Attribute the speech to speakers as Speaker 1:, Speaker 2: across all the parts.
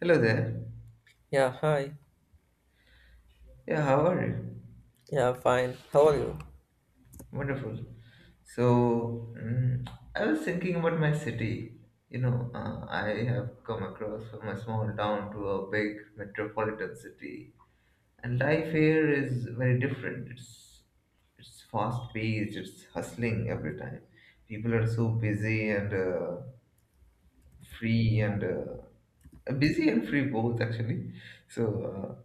Speaker 1: Hello there.
Speaker 2: Yeah, hi.
Speaker 1: Yeah, how are you?
Speaker 2: Yeah, fine. How are you?
Speaker 1: Wonderful. So, I was thinking about my city. You know, I have come across from a small town to a big metropolitan city, and life here is very different. It's fast paced. It's hustling every time. People are so busy and free and busy and free both actually. So uh,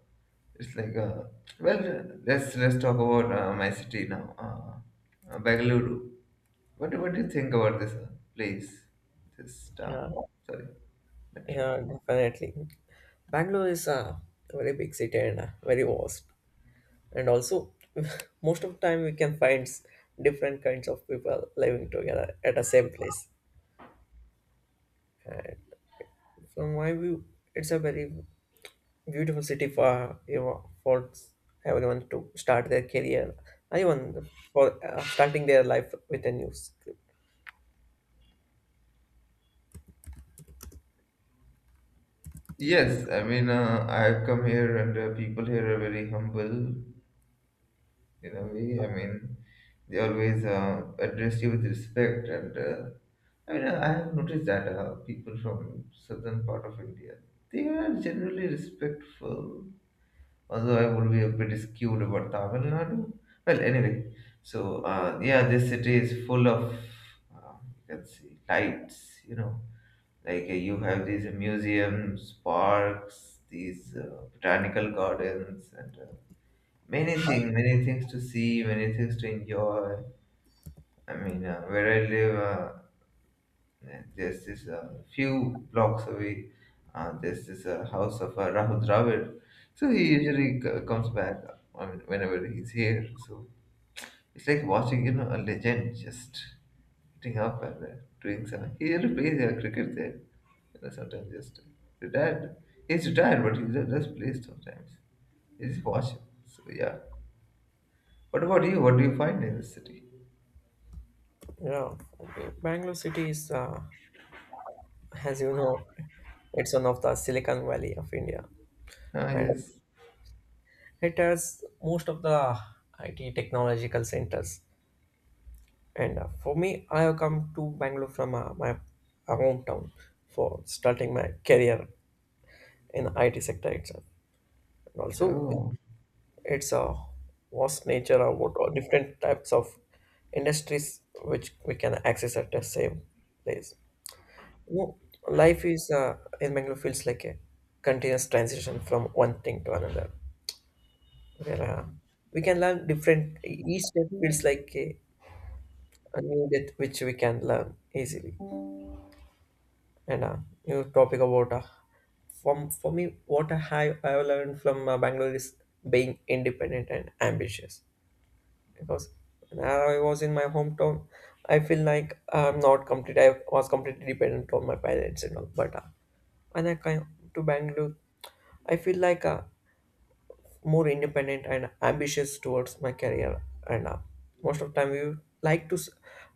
Speaker 1: it's like well, let's talk about my city now, Bengaluru. What do you think about this place, this town?
Speaker 2: Yeah,
Speaker 1: Sorry, metro.
Speaker 2: yeah, definitely. Bangalore is a very big city and very vast. And also, most of the time we can find different kinds of people living together at the same place. From my view, it's a very beautiful city for everyone to start their career, even for starting their life with a new script.
Speaker 1: Yes, I mean I've come here and people here are very humble in a way. I mean they always address you with respect, and I mean, I have noticed that people from southern part of India, they are generally respectful. Although I would be a bit skewed about Tamil Nadu. Well, anyway, so yeah, this city is full of you can see lights. You know, like you have these museums, parks, these botanical gardens, and many things to see, many things to enjoy. I mean, where I live. There's this few blocks away. There's this house of Rahul Dravid. So he usually comes back. I mean, whenever he's here, so it's like watching, a legend just getting up and doing some. He really plays cricket there. You know, sometimes just retired. He's retired, but he just plays sometimes. You just watch him. So yeah. What about you? What do you find in the city?
Speaker 2: Yeah, Bangalore city is as you know, it's one of the Silicon Valley of India,
Speaker 1: Ah,
Speaker 2: and
Speaker 1: yes.
Speaker 2: it has most of the IT technological centers. And for me, I have come to Bangalore from my hometown for starting my career in IT sector itself. And also,
Speaker 1: No.
Speaker 2: it's a vast nature of what all different types of industries which we can access at the same place. No, life is in Bangalore feels like a continuous transition from one thing to another. Yeah. We can learn different. Each step feels like a new death which we can learn easily. And new topic about from for me, I have learned from Bangalore is being independent and ambitious. Because when I was in my hometown, I feel like I'm not complete. I was completely dependent on my parents and all. But when I came to Bangalore, I feel like more independent and ambitious towards my career. And most of the time, we like to s-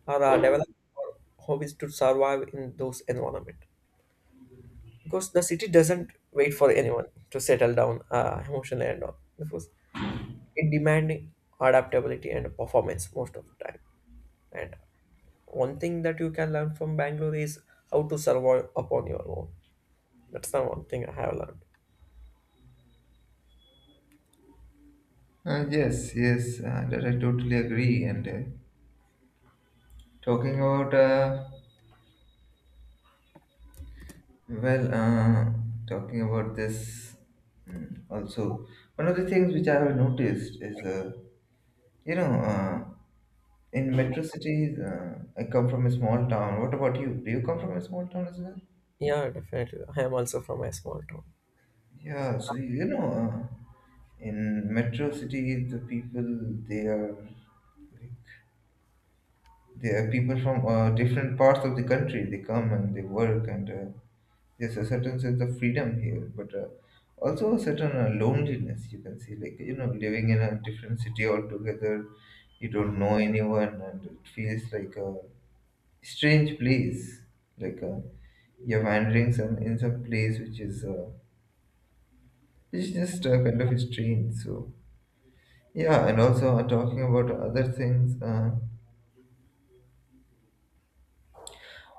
Speaker 2: or, uh, develop our hobbies to survive in those environment because the city doesn't wait for anyone to settle down emotionally and all because it demanding adaptability and performance most of the time. And one thing that you can learn from Bangalore is how to survive upon your own. That's the one thing I have learned.
Speaker 1: Ah, yes, yes. That I totally agree, and. Talking about uh, well, uh, talking about this, also one of the things which I have noticed is you know uh, in metro cities, I come from a small town. What about you? Do you come from a small town as well?
Speaker 2: Yeah, definitely. I am also from a small town.
Speaker 1: Yeah, so in metro cities the people they are they are people from different parts of the country. They come and they work, and there's a certain sense of freedom here, but also a certain loneliness you can see. Like, living in a different city altogether, you don't know anyone, and it feels like a strange place. Like, you're wandering some, in some place which is just kind of strange. So, yeah, and also talking about other things,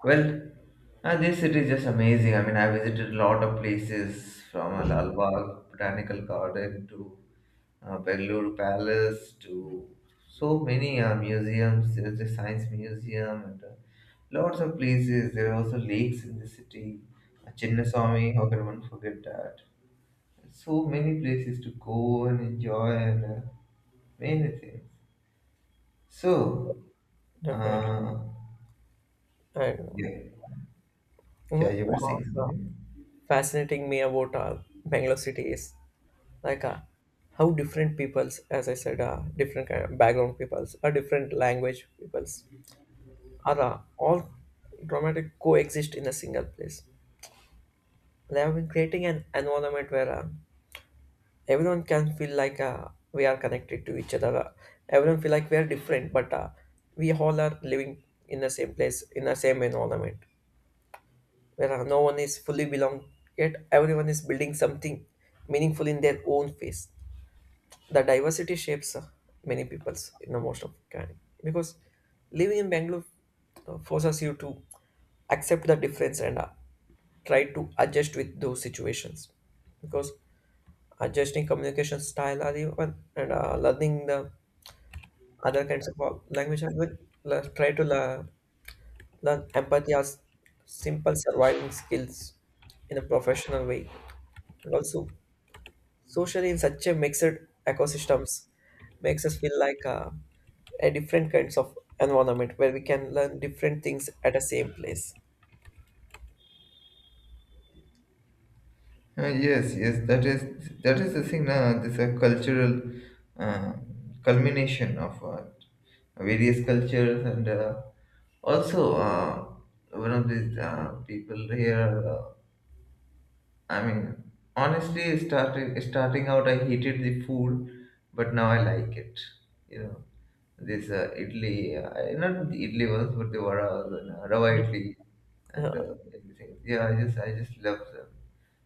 Speaker 1: well, this city is just amazing. I mean, I visited a lot of places from Lalbagh Botanical Garden to Bellour Palace to so many museums. There's the Science Museum and lots of places. There are also lakes in the city. Chinnaswamy, how can one forget that? So many places to go and enjoy and many things. So,
Speaker 2: Definitely.
Speaker 1: uh,
Speaker 2: And
Speaker 1: yeah,
Speaker 2: you
Speaker 1: yeah,
Speaker 2: know,
Speaker 1: you were
Speaker 2: one
Speaker 1: saying
Speaker 2: of the
Speaker 1: something.
Speaker 2: fascinating me about Bangalore city is like how different peoples, as I said, different kind of background peoples, or different language peoples, are all dramatic coexist in a single place. They have been creating an environment where everyone can feel like we are connected to each other. Everyone feel like we are different, but we all are living in the same place, in the same environment, where no one is fully belong yet everyone is building something meaningful in their own face the diversity shapes many people's in the most of kind because living in Bangalore forces you to accept the difference and try to adjust with those situations because adjusting communication style are even and learning the other kinds of language and will le- try to lear- learn empathy as simple surviving skills in a professional way and also social in such a mixed ecosystems makes us feel like a different kinds of environment where we can learn different things at the same place.
Speaker 1: Yes, yes, that is the thing. This a cultural uh, culmination of various cultures, and also one of these people here. I mean, honestly, starting out, I hated the food, but now I like it. You know, this idli, not the idli ones, but the varas and rava idli, and
Speaker 2: Yeah,
Speaker 1: everything. Yeah, I just love them.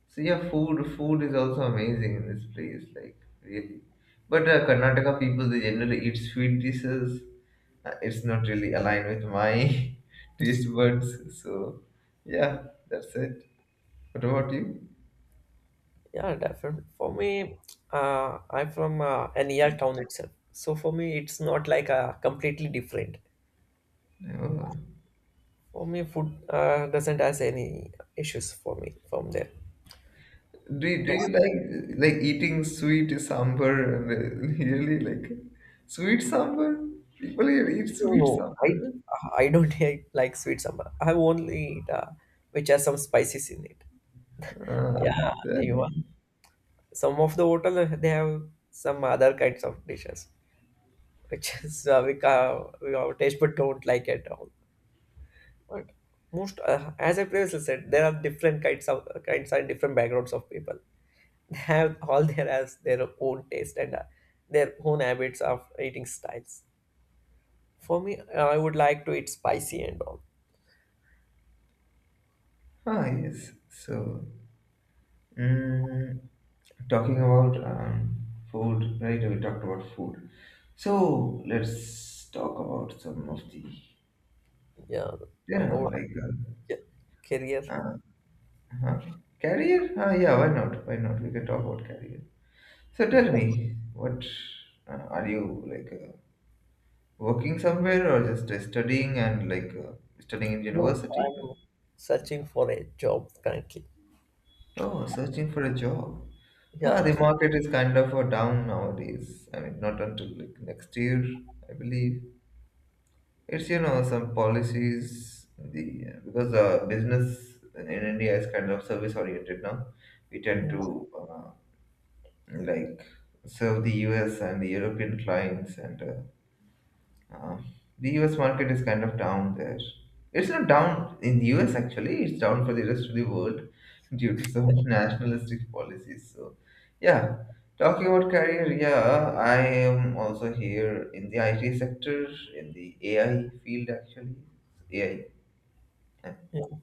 Speaker 1: So yeah, food is also amazing in this place, like really. But Karnataka people they generally eat sweet dishes. It's not really aligned with my taste buds. So yeah, that's it. What about you?
Speaker 2: yeah, definitely. For me, I'm from a near town itself, so for me, it's not like completely different.
Speaker 1: No.
Speaker 2: For me, food doesn't has any issues for me from there.
Speaker 1: Do you, do
Speaker 2: And,
Speaker 1: you like eating sweet sambar and really like sweet sambar? People here eat
Speaker 2: no,
Speaker 1: sweet
Speaker 2: no,
Speaker 1: sambar.
Speaker 2: I don't eat like sweet sambal. I only eat which has some spices in it.
Speaker 1: Ah,
Speaker 2: Yeah, you
Speaker 1: then,
Speaker 2: some of the hotel they have some other kinds of dishes which is we our taste but don't like at all but most as I previously said there are different kinds of kinds and different backgrounds of people they have all their as their own taste and their own habits of eating styles for me I would like to eat spicy and all
Speaker 1: ah yes. So, Mm, talking about food, right? We talked about food. So let's talk about some of the,
Speaker 2: yeah talk about
Speaker 1: like
Speaker 2: ca- career
Speaker 1: uh, huh? Career. Yeah, why not? Why not? We can talk about career. So
Speaker 2: yeah.
Speaker 1: tell me, what are you like working somewhere or just studying and like studying in
Speaker 2: No,
Speaker 1: university?
Speaker 2: I'm searching for a job currently.
Speaker 1: Oh, searching for a job. Ah,
Speaker 2: Yeah,
Speaker 1: the market is kind of down nowadays. I mean, not until like next year, I believe. It's, some policies, the because the business in India is kind of service oriented now. We tend
Speaker 2: yeah.
Speaker 1: to uh, like serve the US and the European clients, and uh, the US market is kind of down there. It's not down in the US actually, it's down for the rest of the world due to some nationalistic policies. So, yeah, talking about career, yeah, I am also here in the IT sector, in the AI field actually, AI and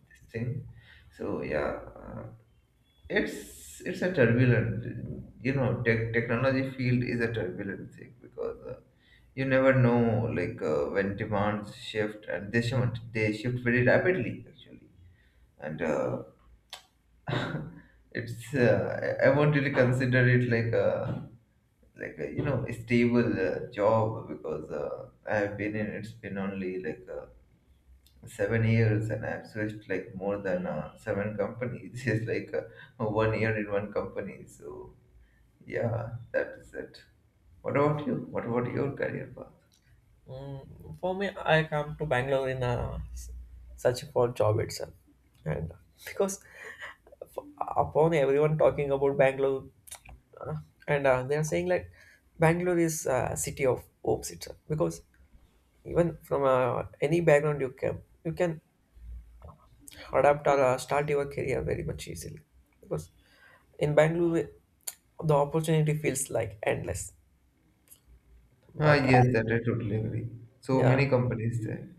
Speaker 1: this thing. So, yeah, it's a turbulent, you know, technology field is a turbulent thing because. You never know like when demands shift and they shift very rapidly actually, and it's I won't really consider it like a a stable job because I've been in it's been only like 7 years, and I've switched like more than seven companies. It's like one year in one company. So yeah, that is it. What about you? What about your career?
Speaker 2: Mm, for me, I come to Bangalore in a search for job itself, and because upon everyone talking about Bangalore, uh, and they are saying like Bangalore is a city of hopes itself. Because even from any background you come, you can adapt or start your career very much easily. Because in Bangalore, the opportunity feels like endless.
Speaker 1: Ah,
Speaker 2: But
Speaker 1: yes, that I totally agree. So
Speaker 2: yeah,
Speaker 1: many companies there.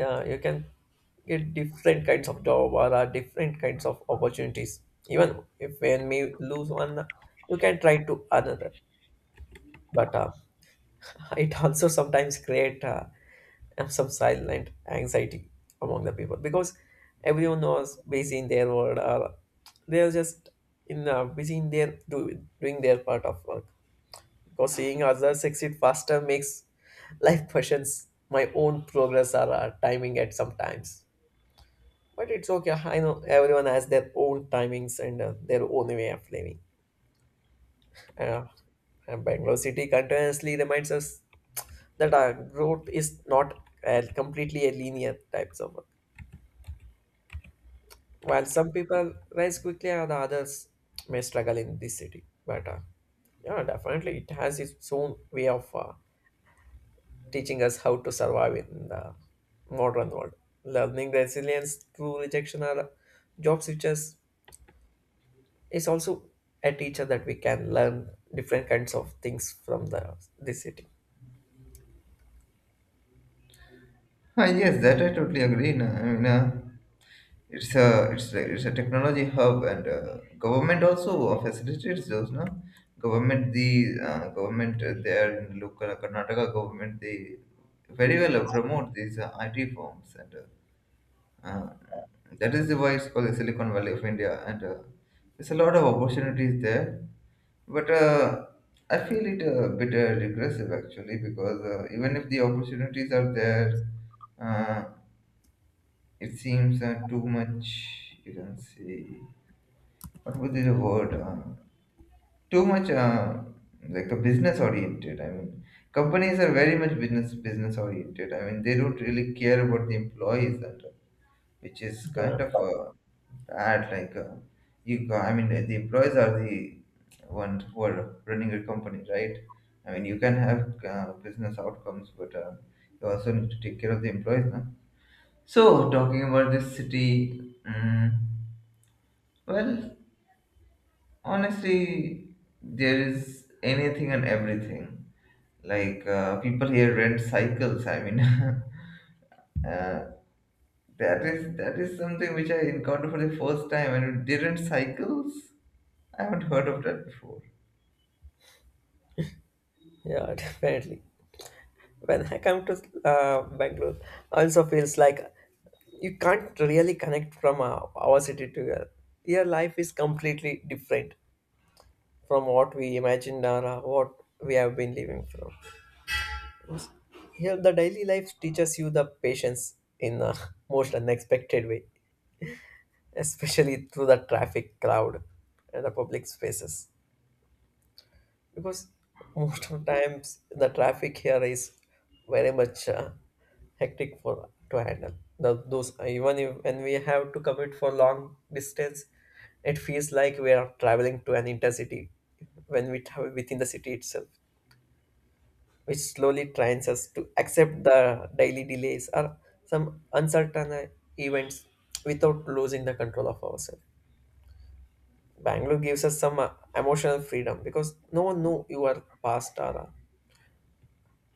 Speaker 2: yeah you can get different kinds of job or different kinds of opportunities even if when we lose one you can try to another but it also sometimes create some silent anxiety among the people because everyone was busy in their world or they're just in busy in their doing their part of work because seeing others succeed faster makes life questions my own progress or timing at some times. But it's okay. I know everyone has their own timings and their own way of living. Uh, and Bangalore City continuously reminds us that our growth is not completely a linear types of work. While some people rise quickly, and others may struggle in this city. But yeah, definitely it has its own way of teaching us how to survive in the modern world. Learning resilience through rejection or job switches. It's also a teacher that we can learn different kinds of things from the this city.
Speaker 1: Ah, yes, that I totally agree. Na. I mean, it's a technology hub, and government also facilitates those. No, government the government there, in local Karnataka government, they very well promote these IT firms, and uh, that is the why it's called the Silicon Valley of India, and there's a lot of opportunities there. But I feel it a bit regressive actually because even if the opportunities are there, uh, it seems too much. You can say, what would be the word? Too much like a business oriented. I mean, companies are very much business oriented. I mean, they don't really care about the employees, and which is kind
Speaker 2: Yeah,
Speaker 1: of a bad. Like I mean, the employees are the ones who are running a company, right? I mean, you can have business outcomes, but you also need to take care of the employees, no? So talking about this city, well, honestly, there is anything and everything. Like people here rent cycles. I mean. uh, that is something which I encountered for the first time, and it didn't cycles. I haven't heard of that before.
Speaker 2: yeah, definitely. When I come to Bangalore, also feels like you can't really connect from our city to your life is completely different from what we imagined or what we have been living from. Here, the daily life teaches you the patience in the most unexpected way, especially through the traffic crowd and the public spaces. Because most of times the traffic here is very much hectic for to handle those even if, when we have to commute for long distance it feels like we are traveling to an intercity when we travel within the city itself which slowly trains us to accept the daily delays or some uncertain events without losing the control of ourselves. Bangalore gives us some emotional freedom because no one knew your past or uh,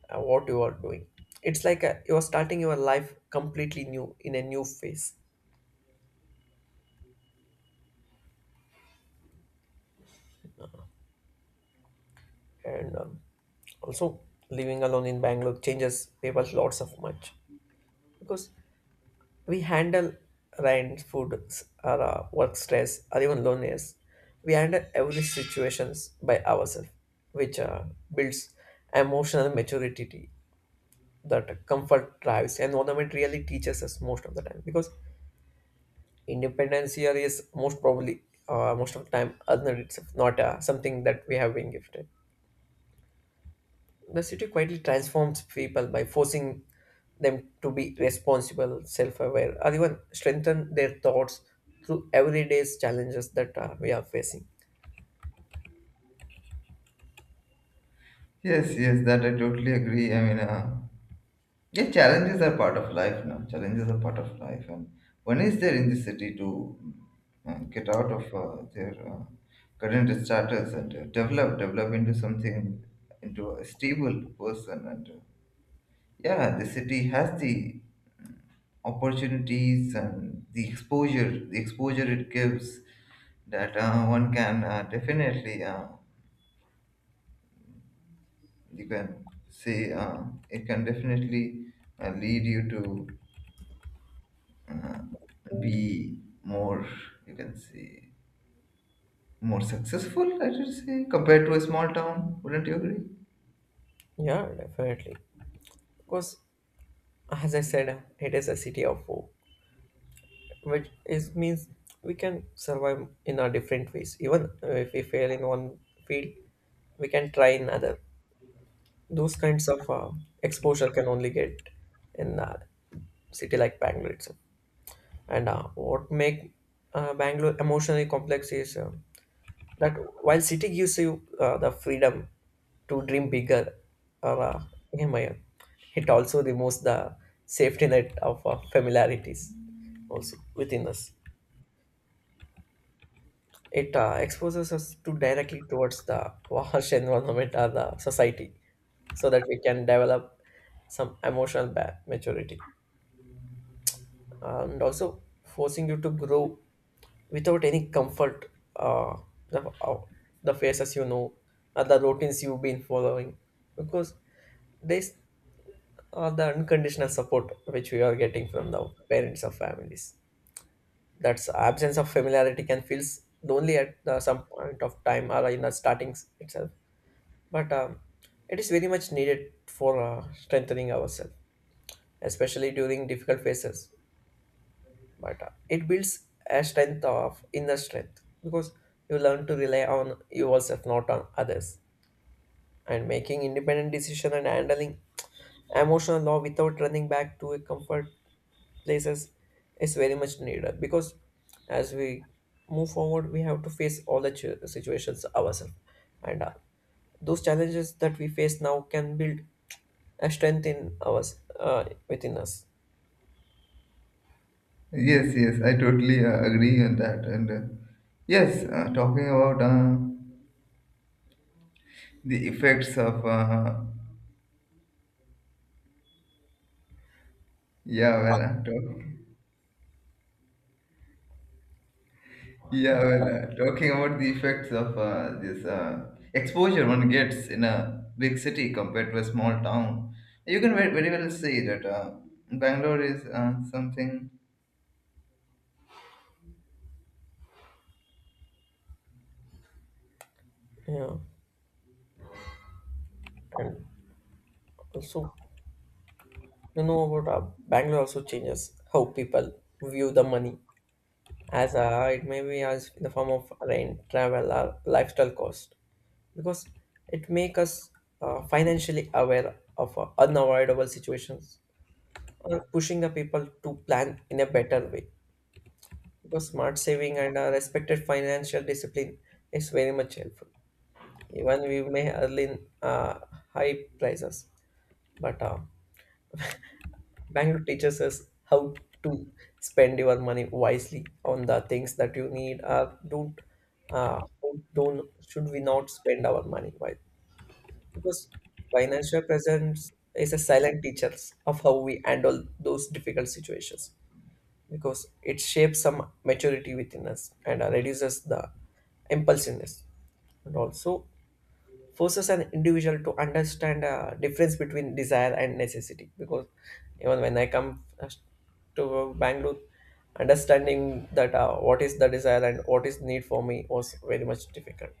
Speaker 2: uh, what you are doing. It's like you are starting your life completely new in a new phase, and also living alone in Bangalore changes people lots of much because we handle rent, food, s- or work stress, or even loneliness. We handle every situations by ourselves, which builds emotional maturity that comfort drives. Environment really teaches us most of the time because independence here is most probably most of the time earned itself, not something that we have been gifted. The city quietly transforms people by forcing them to be responsible, self-aware, or even strengthen their thoughts through everyday's challenges that we are facing.
Speaker 1: Yes, yes, that I totally agree. I mean, yeah, challenges are part of life now. Challenges are part of life, and one is there in the city to get out of their current status and develop into something, into a stable person. And yeah, the city has the opportunities, and the exposure it gives that one can definitely you can say it can definitely lead you to be more, you can say, more successful, I should say, compared to a small town. Wouldn't you agree?
Speaker 2: Yeah, definitely. Because as I said, it is a city of hope, which is means we can survive in our different ways. Even if we fail in one field, we can try in other. Those kinds of exposure can only get in a city like Bangalore itself. And what make Bangalore emotionally complex is that while city gives you the freedom to dream bigger or yeah, my- it also removes the safety net of familiarities also within us. It exposes us to directly towards the harsh environment or the society, so that we can develop some emotional maturity, and also forcing you to grow without any comfort. The, uh, the faces you know, or the routines you've been following, because these are the unconditional support which we are getting from the parents or families. That's absence of familiarity can feel lonely at some point of time or in the starting itself but it is very much needed for strengthening ourselves, especially during difficult phases. But it builds a strength of inner strength because you learn to rely on yourself, not on others, and making independent decision and handling emotional law without running back to a comfort places is very much needed because as we move forward we have to face all the situations ourselves and Those challenges that we face now can build a strength in us within us.
Speaker 1: Yes, yes, I totally agree on that, and yes, talking about the effects of yeah well uh, talk, yeah, well, talking about the effects of this exposure one gets in a big city compared to a small town, you can very, very well see that Bangalore is something.
Speaker 2: Yeah. And also, about bangalore also changes how people view the money, as it may be as in the form of rent travel or lifestyle cost, because it makes us financially aware of unavoidable situations, pushing the people to plan in a better way, because smart saving and respected financial discipline is very much helpful. Even we may earn high prices, but bank teaches us how to spend your money wisely on the things that you need. Uh, don't uh, don't should we not spend our money wisely, because financial presence is a silent teacher of how we handle those difficult situations, because it shapes some maturity within us and reduces the impulsiveness. And also forces an individual to understand a difference between desire and necessity, because even when I come to bangalore, understanding that what is the desire and what is need for me was very much difficult.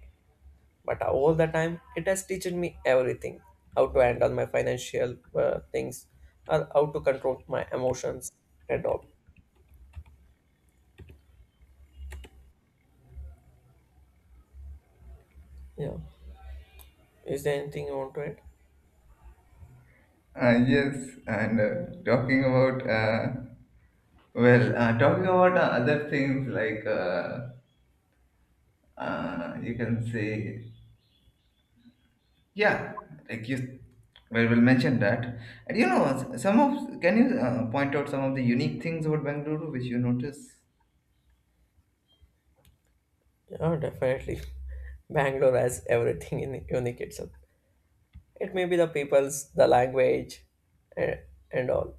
Speaker 2: But all the time it has taught me everything, how to handle my financial things and how to control my emotions and all. Yeah. Is there anything you want to add?
Speaker 1: Yes, and talking about well, talking about other things like you can say, yeah, like you well will mention that, and some of, can you point out some of the unique things about Bangalore which you notice?
Speaker 2: Yeah, definitely. Bangalore has everything in unique itself. It may be the people's the language, and, and all.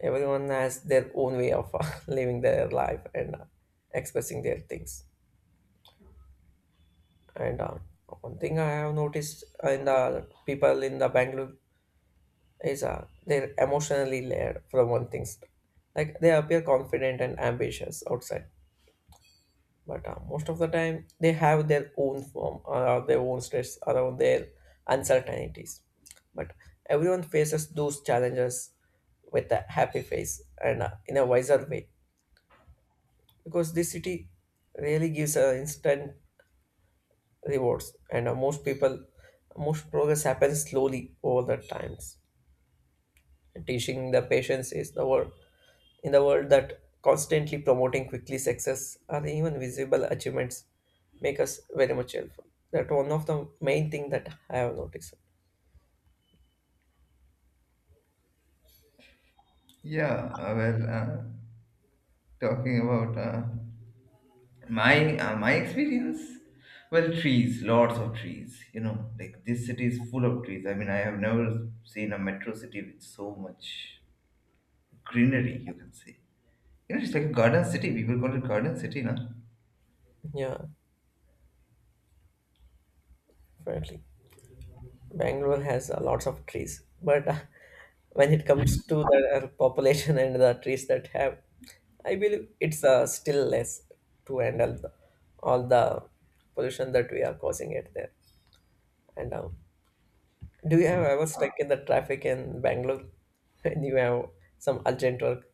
Speaker 2: Everyone has their own way of living their life and expressing their things. And one thing I have noticed in the people in the bangalore is they're emotionally layered from one thing's. Like they appear confident and ambitious outside, but most of the time they have their own form or their own stress around their uncertainties. But everyone faces those challenges with a happy face and in a wiser way, because this city really gives instant rewards, and most progress happens slowly over the times. Teaching the patients is the word in the world that constantly promoting quickly success or even visible achievements make us very much helpful. That one of the main thing that I have noticed.
Speaker 1: Yeah, talking about my experience. Well, trees, lots of trees. You know, like this city is full of trees. I mean, I have never seen a metro city with so much greenery. You can say, it's like a garden city. People call it garden city, now.
Speaker 2: Yeah, definitely. Bangalore has lots of trees, but when it comes to the population and the trees that have, I believe it's still less to handle the all the pollution that we are causing it there. And do you have ever stuck in the traffic in Bangalore and you have some urgent work?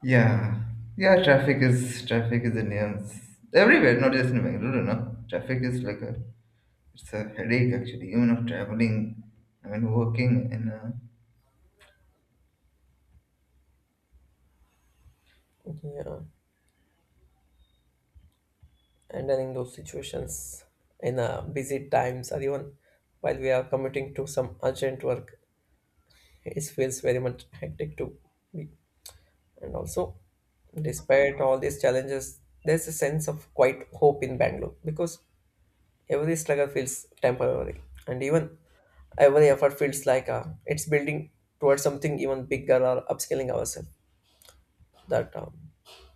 Speaker 1: Yeah, yeah. Traffic is in nuisance everywhere, not just in Bangalore. No, traffic is like a it's a headache actually. Even of traveling, I mean, working in a,
Speaker 2: Yeah, and then in those situations, in busy times, or even while we are commuting to some urgent work, it feels very much hectic to me. And also, despite all these challenges, there's a sense of quite hope in Bangalore, because every struggle feels temporary, and even every effort feels like it's building towards something even bigger or upscaling ourselves. That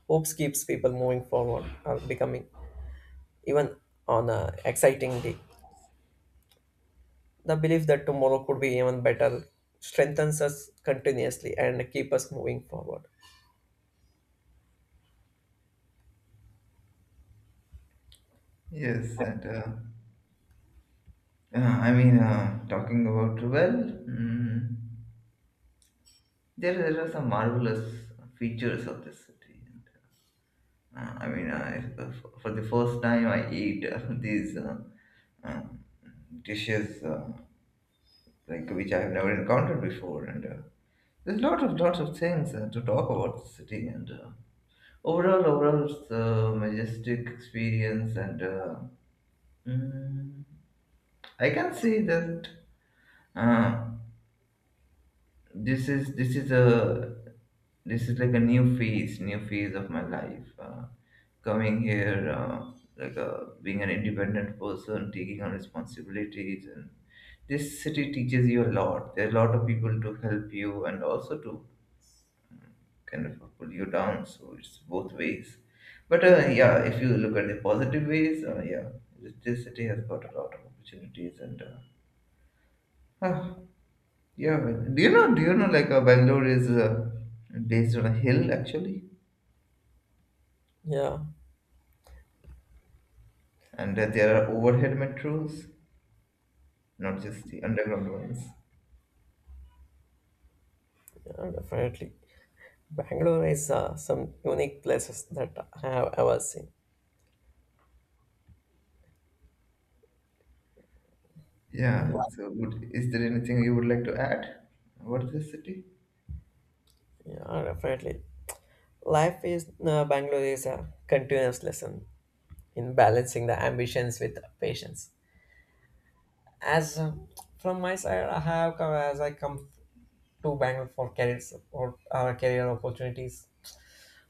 Speaker 2: hopes keeps people moving forward and becoming even on a exciting day. The belief that tomorrow could be even better strengthens us continuously and keep us moving forward.
Speaker 1: yes, and I mean, talking about, well, there are some marvelous features of this city. And, I mean, for the first time, I eat these um, dishes like which I have never encountered before, and there's lots of things to talk about the city. And overall, it's a majestic experience, and mm, I can say that. Uh, this is this is a this is like a new phase of my life, coming here like being an independent person taking on responsibilities. And this city teaches you a lot. There are a lot of people to help you and also to kind of pull you down, so it's both ways. But yeah, if you look at the positive ways, yeah, this city has got a lot of opportunities, and uh, yeah, but do you know? Do you know? Like, Bangalore is based on a hill actually,
Speaker 2: Yeah,
Speaker 1: and there are overhead metros, not just the underground ones.
Speaker 2: yeah definitely. Bangalore is some unique places that I have ever seen.
Speaker 1: Yeah.
Speaker 2: Yeah,
Speaker 1: So, would, is there anything you would like to add about this city?
Speaker 2: yeah definitely. Life is Bangalore is a continuous lesson in balancing the ambitions with patience. As from my side, I come to Bangalore for career support or career opportunities.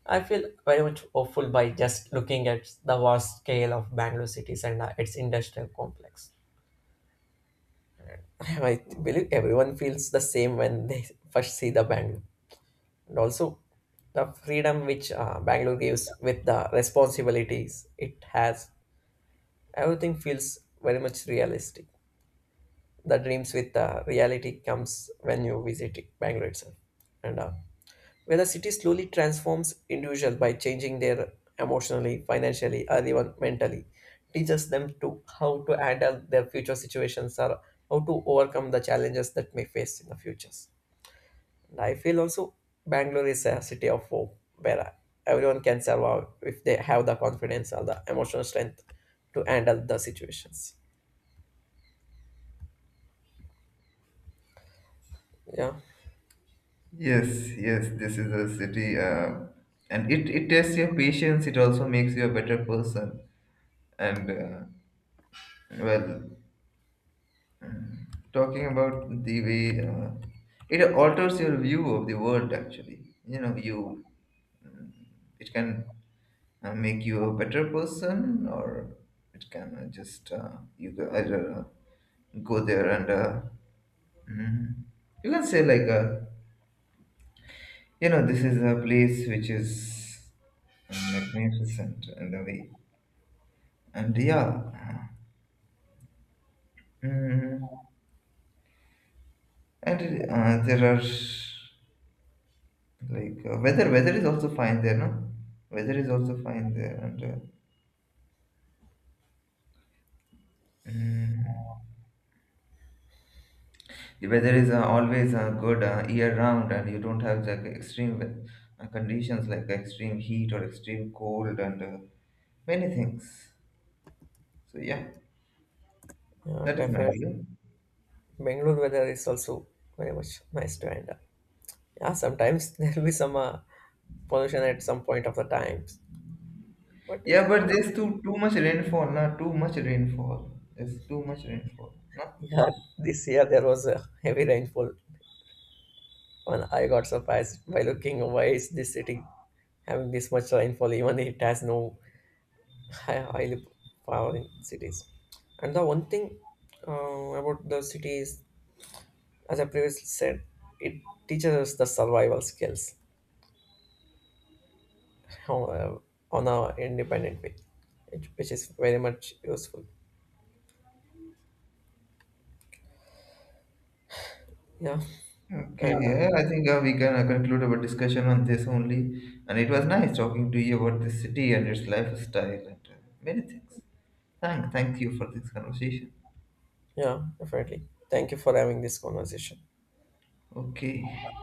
Speaker 2: I feel very much hopeful by just looking at the vast scale of Bangalore cities and its industrial complex. I believe everyone feels the same when they first see the Bangalore. And also, the freedom which Bangalore gives with the responsibilities it has, everything feels very much realistic. The dreams with the reality comes when you Bangalore itself. And where the city slowly transforms individuals by changing their emotionally, financially, or even mentally, teaches them to how to handle their future situations or how to overcome the challenges that may face in the futures. And I feel also Bangalore is a city of hope where everyone can survive if they have the confidence or the emotional strength to handle the situations. Yeah,
Speaker 1: Yes, yes. This is a city, and it tests your patience. It also makes you a better person. And well, talking about the way it alters your view of the world. Actually, you, it can make you a better person, or it can just you go either go there and mm, you can say like you know, this is a place which is magnificent in a way. And yeah, uh, mm, and there are like weather is also fine there, no, weather is also fine there, and mm, the weather is always good year round, and you don't have like extreme conditions like extreme heat or extreme cold and many things. So yeah,
Speaker 2: yeah,
Speaker 1: that is my
Speaker 2: definitely.
Speaker 1: view.
Speaker 2: Bangalore weather is also very much nice to handle. Yeah, sometimes there will be some pollution at some point of the times. But
Speaker 1: Yeah, but
Speaker 2: uh,
Speaker 1: there's too much rainfall, not too much rainfall. There's too much rainfall, no?
Speaker 2: yeah, this year there was a heavy rainfall, and I got surprised by looking why is this city having this much rainfall, even it has no high oil power in cities. And the one thing uh, about the city is, as I previously said, it teaches us the survival skills uh, on our independent way, which is very much useful. Yeah, and
Speaker 1: Okay, yeah, I think we can conclude our discussion on this only. And it was nice talking to you about this city and its lifestyle, and many things. Thank you for this conversation.
Speaker 2: yeah, definitely. Thank you for having this conversation.
Speaker 1: Okay.